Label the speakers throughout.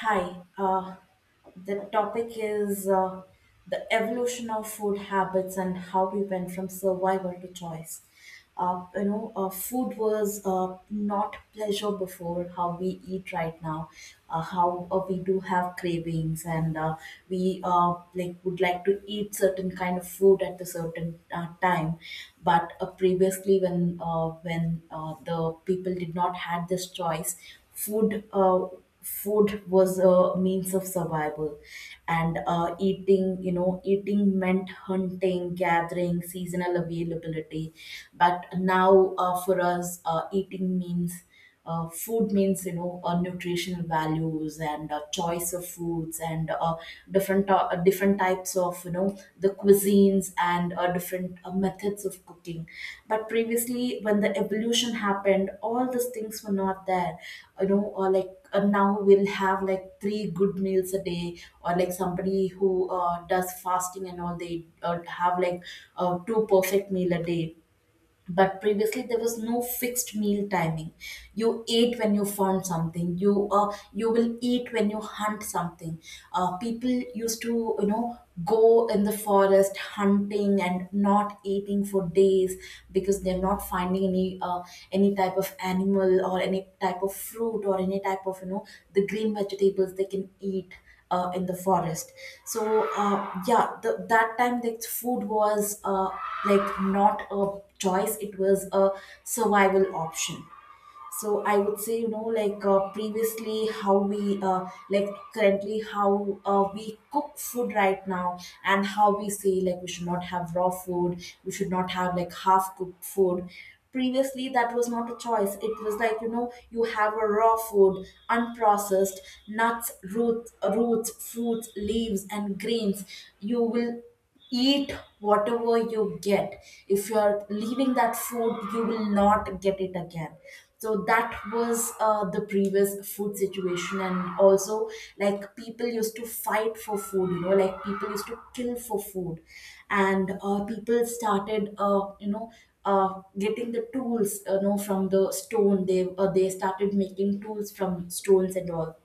Speaker 1: Hi. The topic is the evolution of food habits and how we went from survival to choice. Food was not pleasure before how we eat right now. How we do have cravings, and we like would like to eat certain kind of food at a certain time. But previously, when the people did not had this choice. food. Uh, Food was a means of survival, and eating you know eating meant hunting, gathering, seasonal availability. But now, for us, eating means food means, nutritional values, and choice of foods, and different types of the cuisines, and different methods of cooking. But previously, when the evolution happened, all these things were not there. Or like, now we'll have like three good meals a day, or like somebody who does fasting and all, they have like two perfect meal a day. But previously, there was no fixed meal timing. You ate when you found something. You will eat when you hunt something. People used to, go in the forest hunting and not eating for days, because they're not finding any type of animal, or any type of fruit, or any type of, the green vegetables they can eat in the forest. So, yeah, that time, like, the food was, like, not a choice; it was a survival option. So I would say, previously how we, like, currently how we cook food right now, and how we say like we should not have raw food, we should not have like half cooked food. Previously, that was not a choice. It was like, you have a raw food, unprocessed, nuts, roots, fruits, leaves, and grains. You will eat whatever you get. If you are leaving that food, you will not get it again. So that was the previous food situation. And also, like, people used to fight for food, like people used to kill for food. And people started, getting the tools, from the stone. They started making tools from stones and all.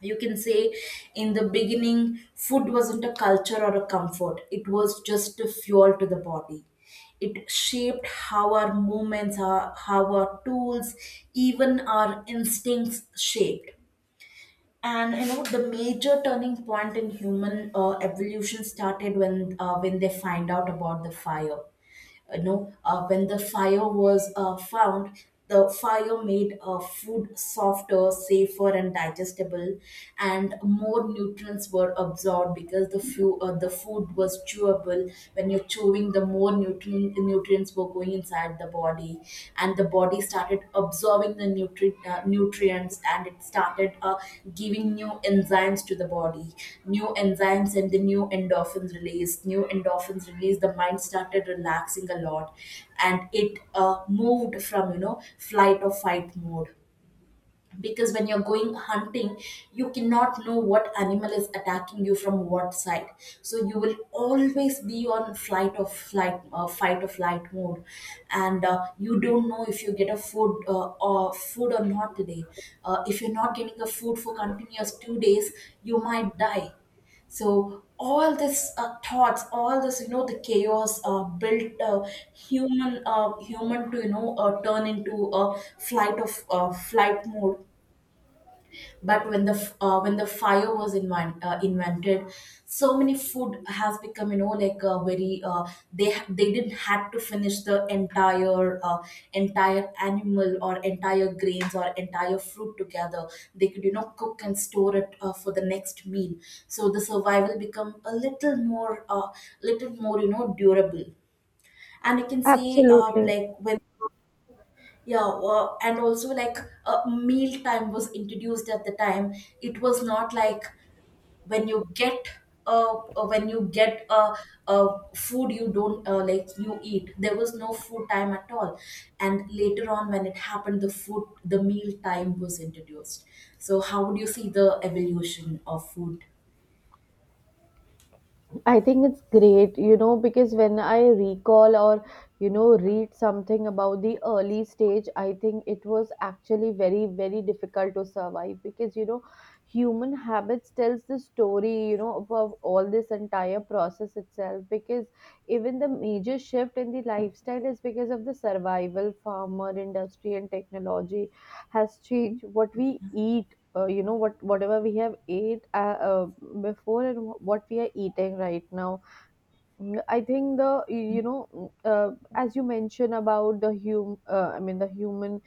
Speaker 1: You can say, in the beginning food wasn't a culture or a comfort, it was just a fuel to the body. It shaped how our movements, our how our tools, even our instincts shaped. And the major turning point in human evolution started when when they find out about the fire. When the fire was found, the fire made food softer, safer, and digestible. And more nutrients were absorbed because the food was chewable. When you're chewing, the more nutrients were going inside the body, and the body started absorbing the nutrients, and it started giving new enzymes to the body. New enzymes and the new endorphins released. The mind started relaxing a lot, and it moved from, flight or fight mode. Because when you're going hunting, you cannot know what animal is attacking you from what side. So you will always be on flight of flight fight or flight mode. And you don't know if you get a food or food or not today. If you're not getting a food for continuous 2 days, you might die. So all this thoughts, all this, the chaos built human to, turn into a flight mode. But when when the fire was invented, so many food has become, very, they didn't have to finish the entire animal, or entire grains, or entire fruit together. They could, cook and store it for the next meal. So the survival become a little more little more, durable. And you can see, like when yeah, and also like, meal time was introduced at the time. It was not like when you get, uh, uh, when you get uh, food you don't, like, you eat. There was no food time at all. And later on, when it happened, the meal time was introduced. So how would you see the evolution of food?
Speaker 2: I think it's great, because when I recall or read something about the early stage. I think it was actually very, very difficult to survive because human habits tells the story of all this entire process itself, because even the major shift in the lifestyle is because of the survival, farmer, industry and technology has changed what we eat, you know what, whatever we have ate before and what we are eating right now. I think the you know mm, as you mentioned about the human,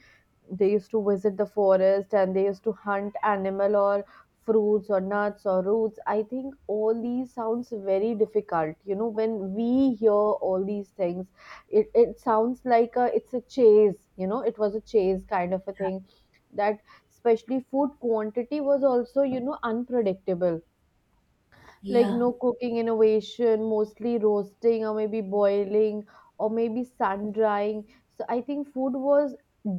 Speaker 2: they used to visit the forest and they used to hunt animal or fruits or nuts or roots. I think all these sounds very difficult when we hear all these things. It sounds like it's a chase, it was a chase kind of a thing, that, especially, food quantity was also unpredictable. Like
Speaker 1: Yeah,
Speaker 2: no cooking innovation, mostly roasting or maybe boiling or maybe sun drying. So I think food was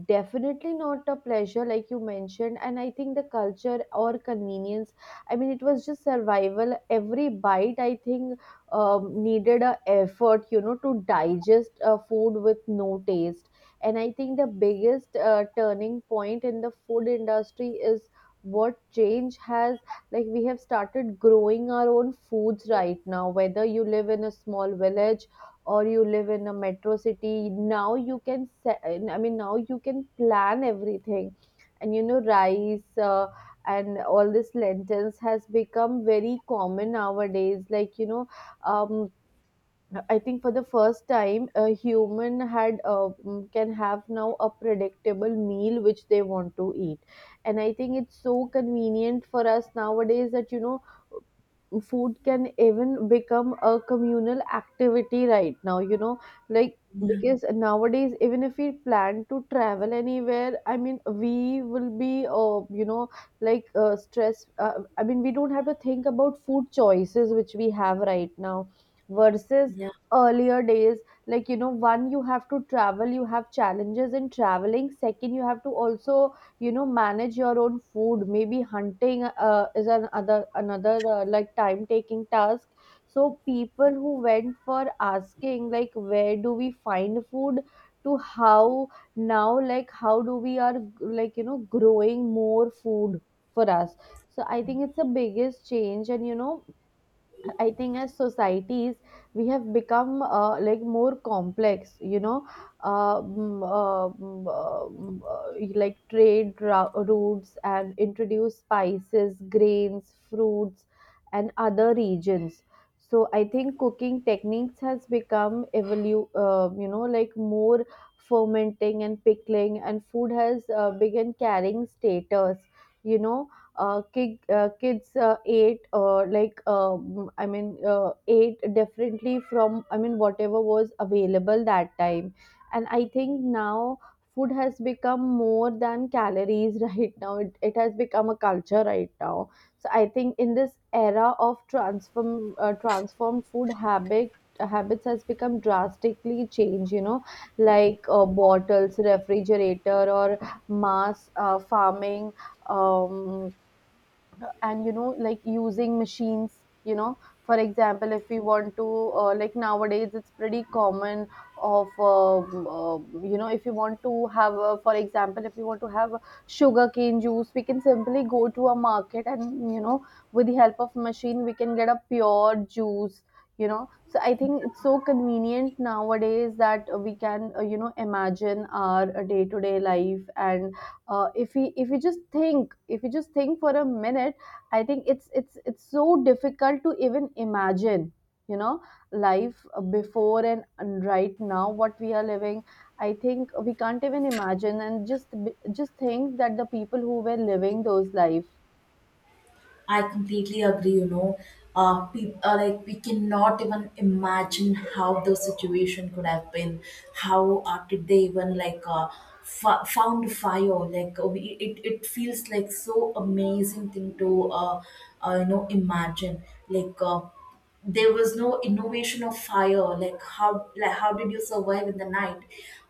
Speaker 2: definitely not a pleasure like you mentioned, and I think the culture or convenience, I mean it was just survival. Every bite, I think, needed a effort to digest a food with no taste. And I think the biggest turning point in the food industry is what change has, like, we have started growing our own foods right now, whether you live in a small village or you live in a metro city. Now you can I mean, now you can plan everything. And rice and all this lentils has become very common nowadays, like um, I think for the first time, a human can have now a predictable meal which they want to eat, and I think it's so convenient for us nowadays that food can even become a communal activity right now like,
Speaker 1: yeah,
Speaker 2: because nowadays, even if we plan to travel anywhere, I mean, we will be you know like stress I mean, we don't have to think about food choices which we have right now, versus
Speaker 1: yeah.
Speaker 2: earlier days. Like, one, you have to travel, you have challenges in traveling; second, you have to also manage your own food, maybe hunting is another like, time taking task. So people who went for asking like, where do we find food, to how, now, like, how do we are, like, growing more food for us. So I think it's the biggest change, and I think, as societies, we have become like, more complex, you know, mm, mm, mm, like, trade routes, and introduce spices, grains, fruits, and other regions. So I think cooking techniques has become like, more fermenting and pickling, and food has begun carrying status, you know kids ate differently from, I mean, whatever was available that time. And I think now food has become more than calories right now. It has become a culture right now. So I think in this era of transformed food habits has become drastically changed. Like bottles, refrigerator or mass farming um, and like, using machines for example, if we want to like, nowadays it's pretty common of if you want to have for example, if you want to have sugar cane juice, we can simply go to a market, and with the help of machine, we can get a pure juice so I think it's so convenient nowadays that we can imagine our day to day life. And if we just think if we just think for a minute, I think it's so difficult to even imagine, you know, life before, and right now what we are living. I think we can't even imagine, and just just think that the people who were living those life.
Speaker 1: I completely agree. You know, peop Like, we cannot even imagine how the situation could have been. How did they even, like, found fire? Like, it feels like so amazing thing to, imagine. Like, there was no innovation of fire. How, like how did you survive in the night?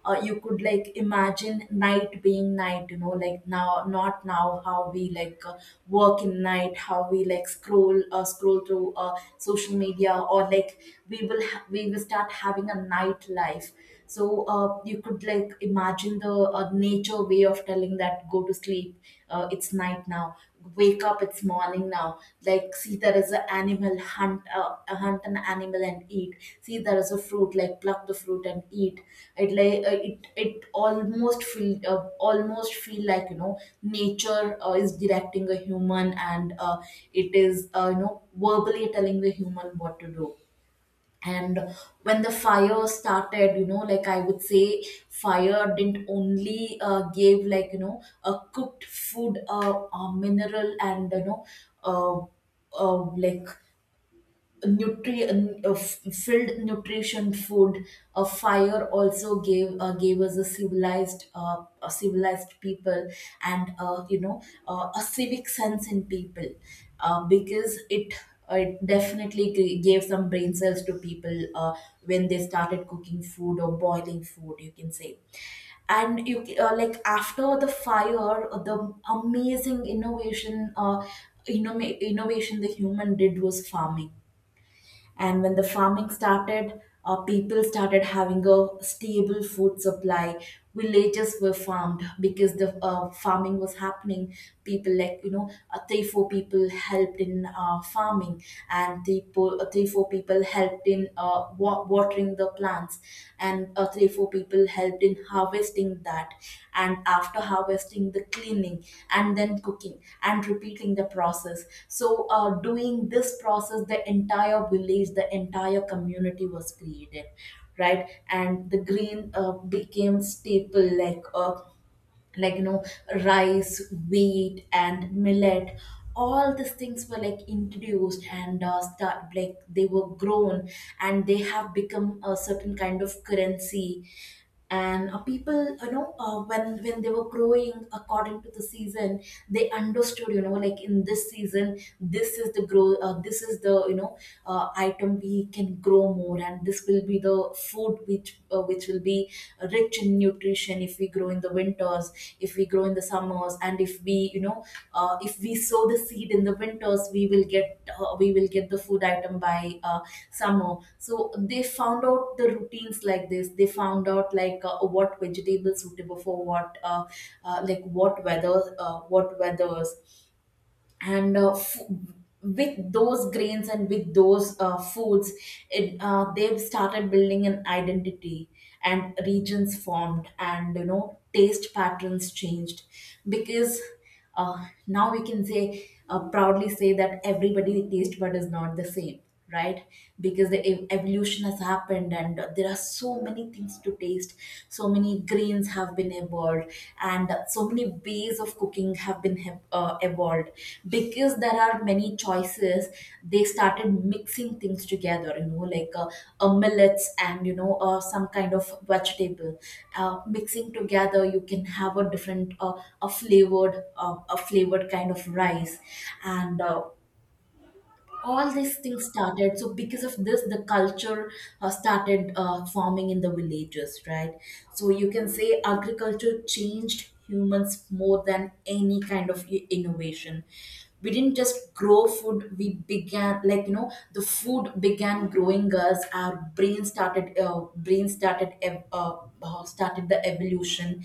Speaker 1: You could, like, imagine night being night, like, now — not now, how we, like, work in night, how we like scroll through social media, or like, we will start having a night life. So you could like imagine the nature way of telling that, go to sleep, it's night now. Wake up, it's morning now. Like, see there is an animal, hunt an animal and eat. See there is a fruit, like, pluck the fruit and eat. It Like, it almost feel, almost feel like, nature is directing a human, and it is, verbally telling the human what to do. And when the fire started, like I would say fire didn't only gave, like, a cooked food, a mineral, and, you know uh, like nutri f- filled nutrition food. A fire also gave us a civilized people, and a civic sense in people, because it definitely gave some brain cells to people when they started cooking food, or boiling food, you can say. And like, after the fire, the amazing innovation, innovation the human did was farming. And when the farming started, people started having a stable food supply. Villages were farmed because the farming was happening. People, like, three four people helped in farming, and three four people helped in watering the plants, and three four people helped in harvesting that. And after harvesting, the cleaning, and then cooking, and repeating the process. So doing this process, the entire community was created, right. And the green became staple, like, like you know rice, wheat, and millet. All these things were, like, introduced, and start like they were grown. And they have become a certain kind of currency. And people, when they were growing according to the season, they understood, like, in this season, this is the grow this is the, item we can grow more. And this will be the food which, which will be rich in nutrition if we grow in the winters, if we grow in the summers. And if we, if we sow the seed in the winters, we will get the food item by summer. So they found out the routines like this. They found out, like, what vegetables suitable for what, what weather, what weathers. And with those grains, and with those foods, they've started building an identity. And regions formed, and taste patterns changed. Because, now we can say proudly say that everybody taste bud is not the same, right. Because the evolution has happened, and there are so many things to taste. So many grains have been evolved, and so many ways of cooking have been evolved, because there are many choices. They started mixing things together, millets and, some kind of vegetable, mixing together, you can have a flavored kind of rice. And all these things started. So because of this, the culture started forming in the villages, right. So you can say agriculture changed humans more than any kind of innovation. We didn't just grow food, we began, the food began growing us. Our brain started started the evolution.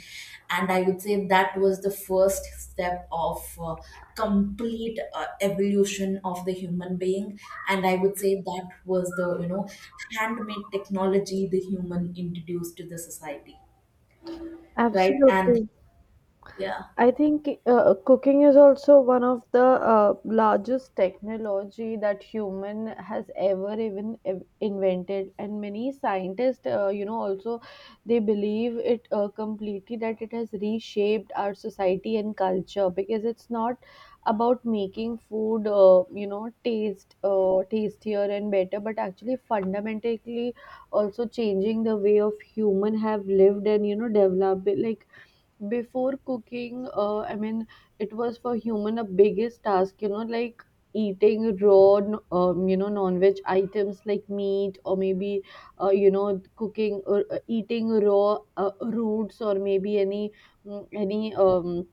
Speaker 1: And I would say that was the first step of complete evolution of the human being. And I would say that was the handmade technology the human introduced to the society. Right, and
Speaker 2: Absolutely.
Speaker 1: yeah,
Speaker 2: I think cooking is also one of the largest technology that human has ever even invented, and many scientists also, they believe it completely that it has reshaped our society and culture, because it's not about making food, taste tastier and better, but actually fundamentally also changing the way of human have lived and developed. Like, before cooking, I mean, it was, for human, a biggest task, like, eating raw non-veg items like meat, or maybe cooking, or eating raw roots, or maybe any mm, any um,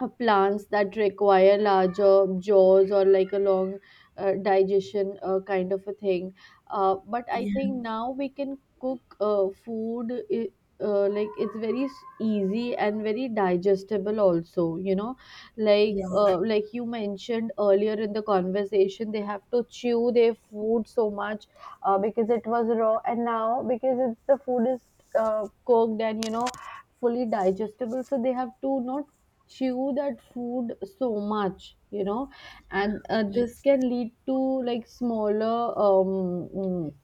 Speaker 2: uh, plants that require larger jaws or like a long digestion kind of a thing. But I
Speaker 1: yeah,
Speaker 2: think now we can cook food, like, it's very easy and very digestible also like
Speaker 1: yeah,
Speaker 2: uh, like you mentioned earlier in the conversation, they have to chew their food so much because it was raw, and now, because it's the food is cooked and fully digestible, so they have to not chew that food so much and
Speaker 1: yeah,
Speaker 2: this can lead to, like, smaller um mm,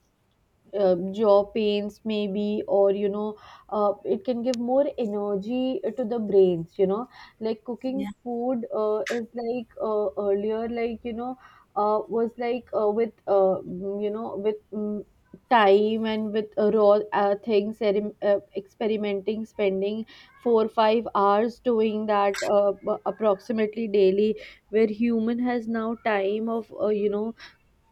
Speaker 2: uh, jaw pains, maybe, or it can give more energy to the brains like, cooking
Speaker 1: yeah,
Speaker 2: food is like, earlier, like, was like with mm, you know with mm time, and with raw things, experimenting, spending 4 5 hours doing that approximately daily, where human has now time of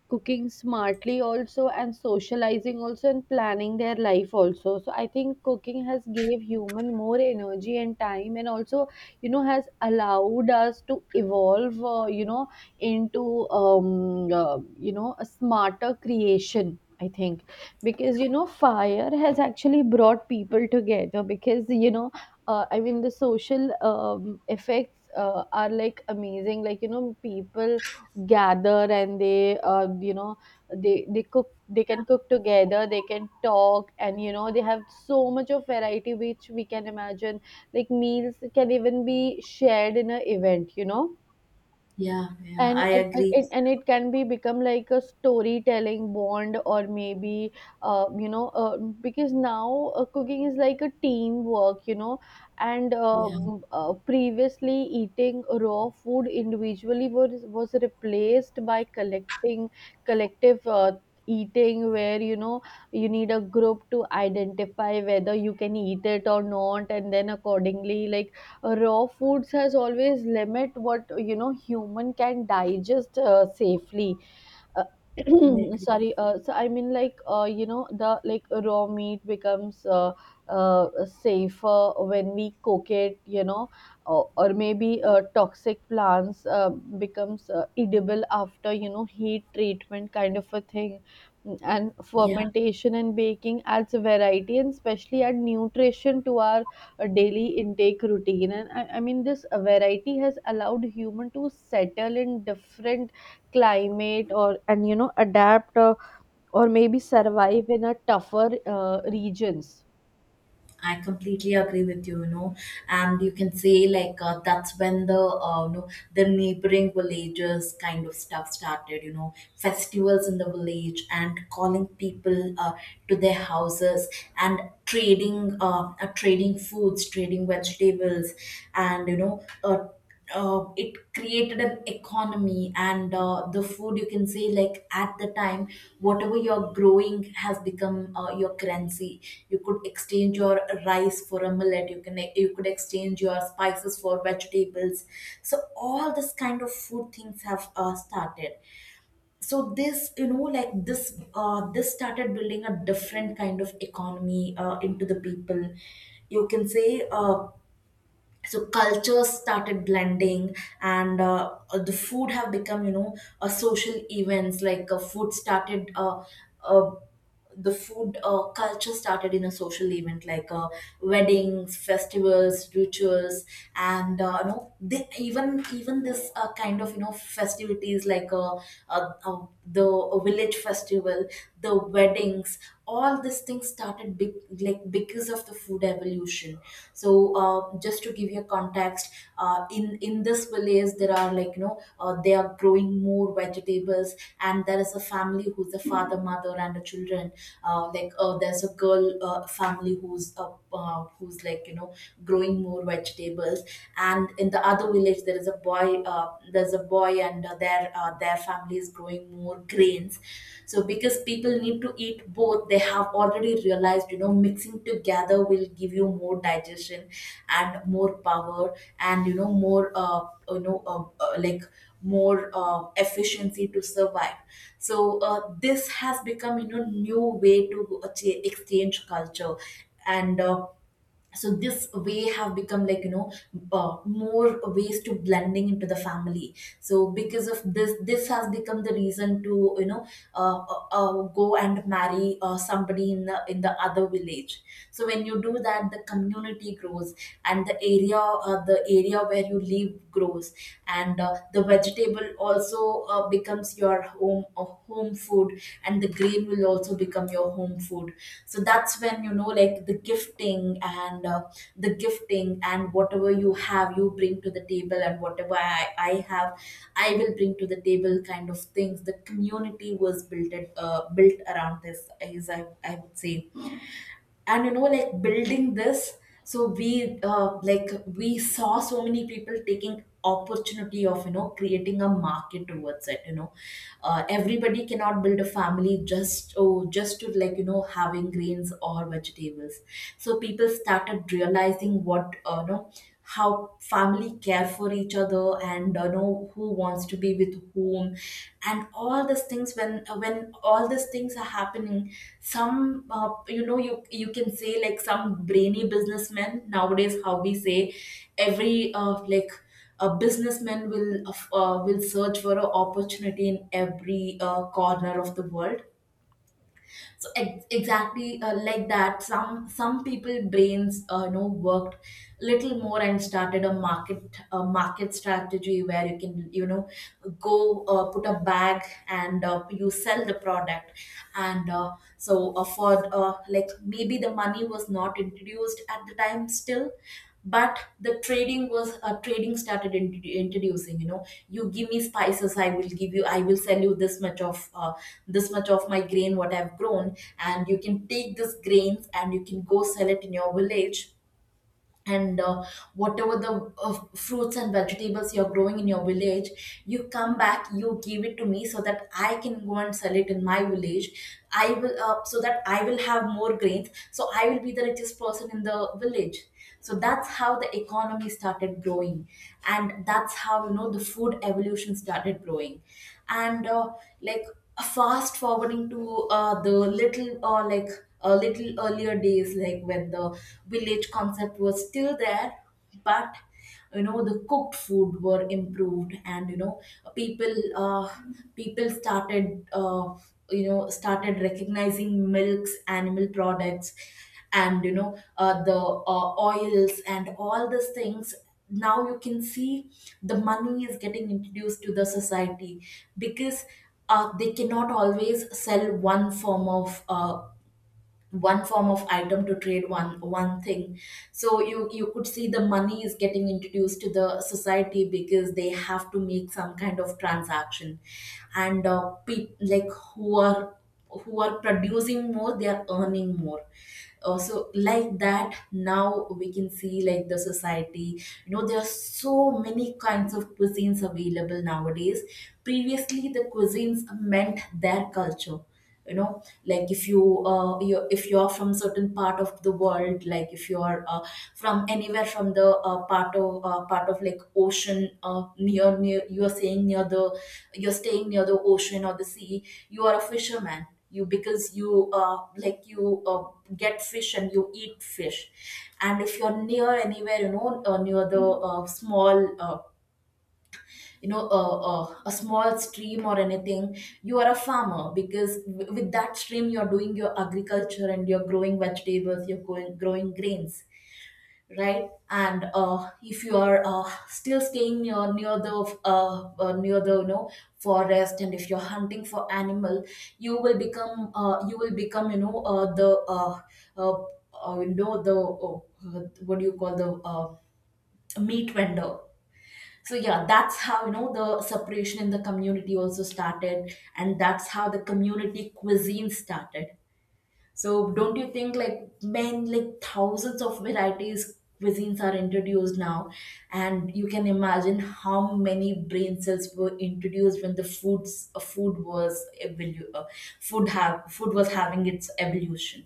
Speaker 2: cooking smartly also, and socializing also, and planning their life also. So I think cooking has gave human more energy and time, and also has allowed us to evolve into um uh, a smarter creation, I think, because fire has actually brought people together, because I mean, the social effects are like amazing. Like, people gather, and they you know they cook they can cook together, they can talk, and they have so much of variety which we can imagine. Like, meals can even be shared in a event.
Speaker 1: yeah, yeah.
Speaker 2: and
Speaker 1: I
Speaker 2: and, and
Speaker 1: agree.
Speaker 2: it, and it can be become like a storytelling bond, or maybe because now cooking is like a teamwork, and
Speaker 1: Yeah,
Speaker 2: previously, eating raw food individually was replaced by collecting collective eating, where you need a group to identify whether you can eat it or not, and then, accordingly, like, raw foods has always limit what human can digest safely. uh,
Speaker 1: I agree.
Speaker 2: Sorry, so I mean, like you know the like raw meat becomes uh, safer when we cook it. Or maybe toxic plants becomes edible after heat treatment kind of a thing. And
Speaker 1: Yeah,
Speaker 2: fermentation and baking adds variety, and especially add nutrition to our daily intake routine. And I mean this variety has allowed human to settle in different climate, or, and adapt, or maybe survive in a tougher regions.
Speaker 1: I completely agree with you, and you can say like that's when the you know the neighboring villages kind of stuff started, festivals in the village, and calling people to their houses, and trading trading foods, trading vegetables, and it created an economy. And the food, you can say, like at the time, whatever you're growing has become your currency. You could exchange your rice for a millet, you could exchange your spices for vegetables. So all this kind of food things have started. So this, this started building a different kind of economy into the people, you can say. So cultures started blending, and the food have become, a social events, like food started uh, the food culture started in a social event, like weddings, festivals, rituals. And you know, they, even this kind of festivities, like the village festival, the weddings. All these things started big, like, because of the food evolution. So just to give you a context, in this village, there are, like, they are growing more vegetables. And there is a family who's a father, mother, and a children. There's a girl family who's like, growing more vegetables. And in the other village, there is a boy. uh, there's a boy, and their family is growing more grains. So because people need to eat both, they have already realized, mixing together will give you more digestion and more power. And, you know more you know like, more uh, efficiency to survive. So this has become, new way to exchange culture. And so this way have become, like, more ways to blending into the family. So because of this has become the reason to go and marry somebody in the other village. So when you do that, the community grows, and the area where you live grows. And the vegetable also becomes your home food, and the grain will also become your home food. So that's when, like the gifting and whatever you have, you bring to the table, and whatever I have, I will bring to the table, kind of things. The community was built around this, is I would say. And, like building this. So we like we saw so many people taking opportunity of creating a market towards it. Everybody cannot build a family, just to, like, having grains or vegetables. So people started realizing what, how family care for each other, and know who wants to be with whom. And all these things, when when all these things are happening, some, you can say, like, some brainy businessmen, nowadays, how we say, every like, a businessman will will search for an opportunity in every corner of the world. So exactly, like that, some people brains worked little more, and started a market strategy where you can go, put a bag and you sell the product. And so for like, maybe the money was not introduced at the time still. But the trading was trading started introducing, you give me spices, I will sell you this much of my grain, what I've grown, and you can take this grains and you can go sell it in your village. And whatever the fruits and vegetables you're growing in your village, you come back, you give it to me, so that I can go and sell it in my village. I will So that I will have more grains, so I will be the richest person in the village. So that's how the economy started growing, and that's how the food evolution started growing. And like, fast forwarding to the little like, little earlier days, like when the village concept was still there. But, the cooked food were improved, and people, people started started recognizing milks, animal products, and the oils and all these things. Now you can see the money is getting introduced to the society, because they cannot always sell one form of item to trade one thing. So you could see the money is getting introduced to the society, because they have to make some kind of transaction. And like, who are who are producing more, they are earning more. So like that, now we can see, like, the society, there are so many kinds of cuisines available nowadays. Previously the cuisines meant their culture, like if you, if you are from certain part of the world, like if you are from anywhere, from the part of, like, ocean, near near you are saying near the you're staying near the ocean or the sea. You are a fisherman, you, because you get fish, and you eat fish. And if you're near anywhere, near the small, you know a, a small stream or anything. You are a farmer because with that stream you're doing your agriculture, and you're growing vegetables, you're going growing grains. Right, and if you are still staying near the uh, uh, near the you know forest, and if you're hunting for animal, you will become, the uh, what do you call, the meat vendor. So yeah, that's how the separation in the community also started, and that's how the community cuisine started. So don't you think, like, men, like, thousands of varieties cuisines are introduced now. And you can imagine how many brain cells were introduced when the food was having its evolution.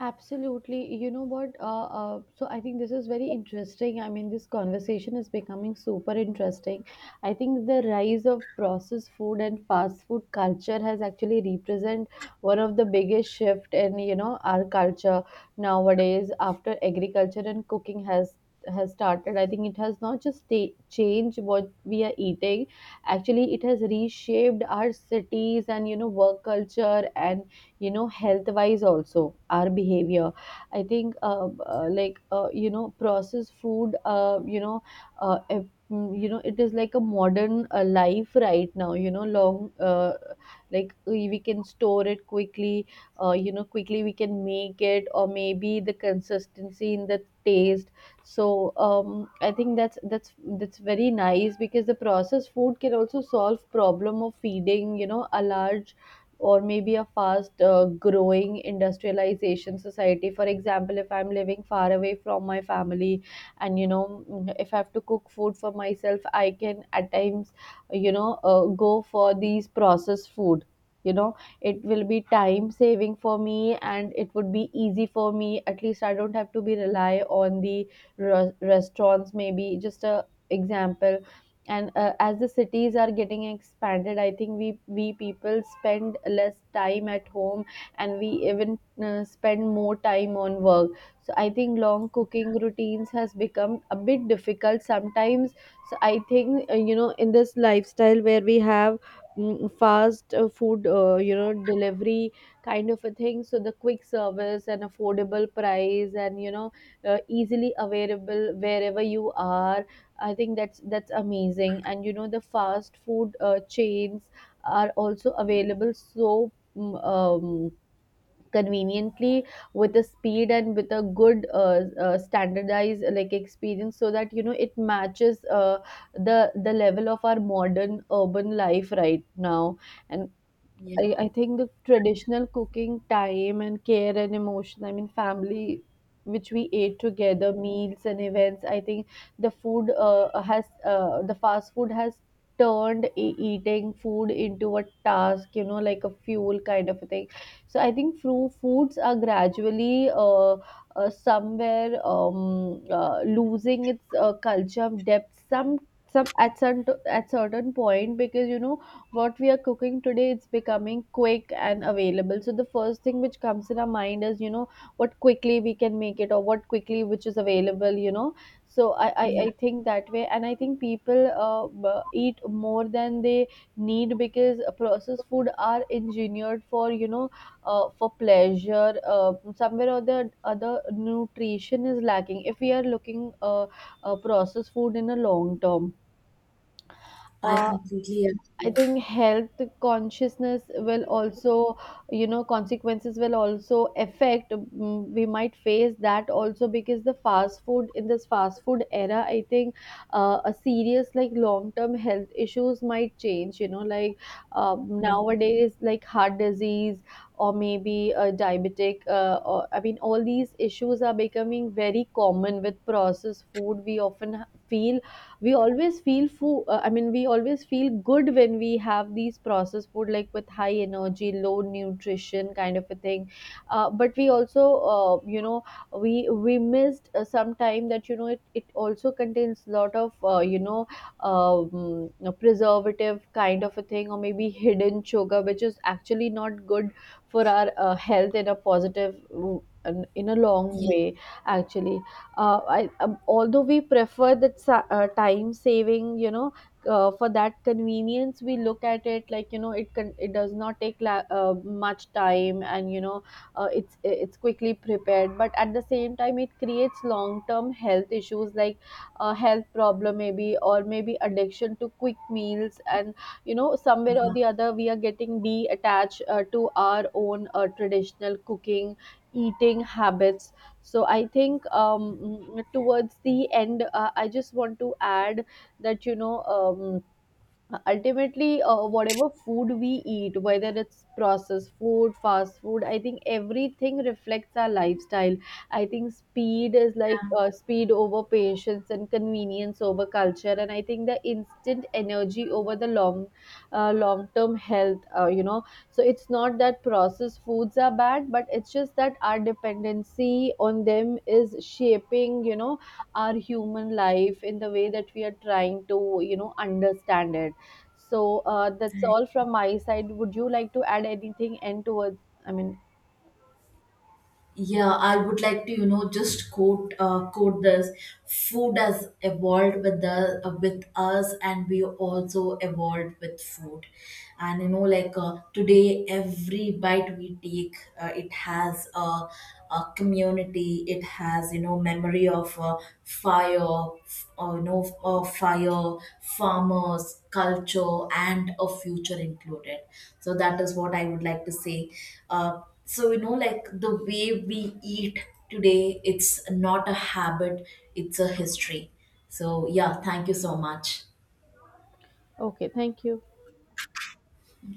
Speaker 2: Absolutely. You know what? So I think this is very interesting. I mean, this conversation is becoming super interesting. I think the rise of processed food and fast food culture has actually represent one of the biggest shift in our culture nowadays, after agriculture and cooking has started. I think it has not just changed what we are eating. Actually, it has reshaped our cities and, you know, work culture and you know health wise also our behavior. I think you know processed food you know it is like a modern life right now you know long like we can store it quickly, you know quickly we can make it, or maybe the consistency in the taste. So um, I think that's very nice because the processed food can also solve problem of feeding you know a large or maybe a fast growing industrialization society. For example, if I'm living far away from my family and you know if I have to cook food for myself I can at times you know go for these processed food you know it will be time saving for me and it would be easy for me, at least I don't have to be rely on the restaurants, maybe just a example. And as the cities are getting expanded I think we people spend less time at home and we even spend more time on work. So I think long cooking routines has become a bit difficult sometimes. So I think you know in this lifestyle where we have fast food you know delivery kind of a thing, so the quick service and affordable price and you know easily available wherever you are. I think that's amazing. And you know, the fast food chains are also available, so conveniently with a speed and with a good standardized like experience, so that you know it matches the level of our modern urban life right now. And
Speaker 1: Yeah,
Speaker 2: I think the traditional cooking time and care and emotion, I mean, family, which we ate together, meals and events, I think the fast food has turned eating food into a task, you know, like a fuel kind of a thing. So I think fru foods are gradually somewhere losing its culture of depth, some at certain point, because you know what we are cooking today it's becoming quick and available, so the first thing which comes in our mind is you know what quickly we can make it or what quickly which is available, you know. So
Speaker 1: yeah,
Speaker 2: I think that way, and I think people eat more than they need because processed food are engineered for you know for pleasure, somewhere or the other nutrition is lacking if we are looking processed food in a long term.
Speaker 1: I
Speaker 2: uh,
Speaker 1: completely
Speaker 2: I
Speaker 1: agree.
Speaker 2: think health consciousness will also, you know, consequences will also affect. We might face that also because the fast food in this fast food era, I think, a serious like long term health issues might change. You know, like nowadays, like heart disease or maybe a diabetic. Or, I mean, all these issues are becoming very common with processed food. We often feel we always feel good when we have these processed food like with high energy low nutrition kind of a thing. But we also you know we missed some time that you know it also contains lot of you know um, preservative kind of a thing, or maybe hidden sugar, which is actually not good for our health in a positive mm, in a long
Speaker 1: Yeah,
Speaker 2: way actually. Although we prefer that time saving you know for that convenience we look at it like you know it can it does not take much time, and you know it's quickly prepared, but at the same time it creates long term health issues like health problem maybe, or maybe addiction to quick meals, and you know somewhere or
Speaker 1: yeah.
Speaker 2: the other we are getting detached to our own traditional cooking eating habits. So I think towards the end I just want to add that you know ultimately whatever food we eat, whether it's processed food fast food, I think everything reflects our lifestyle. I think speed is like speed over patience and convenience over culture, and I think the instant energy over the long long term health you know. So it's not that processed foods are bad, but it's just that our dependency on them is shaping you know our human life in the way that we are trying to you know understand it. So that's all from my side. Would you like to add anything and towards? I mean,
Speaker 1: Yeah, I would like to just quote this: "Food has evolved with the with us, and we also evolved with food." And, like, today, every bite we take, it has a community. It has, memory of fire, farmers, culture, and a future included. So that is what I would like to say. So like the way we eat today, it's not a habit, it's a history. So yeah, thank you so much.
Speaker 2: okay, thank you.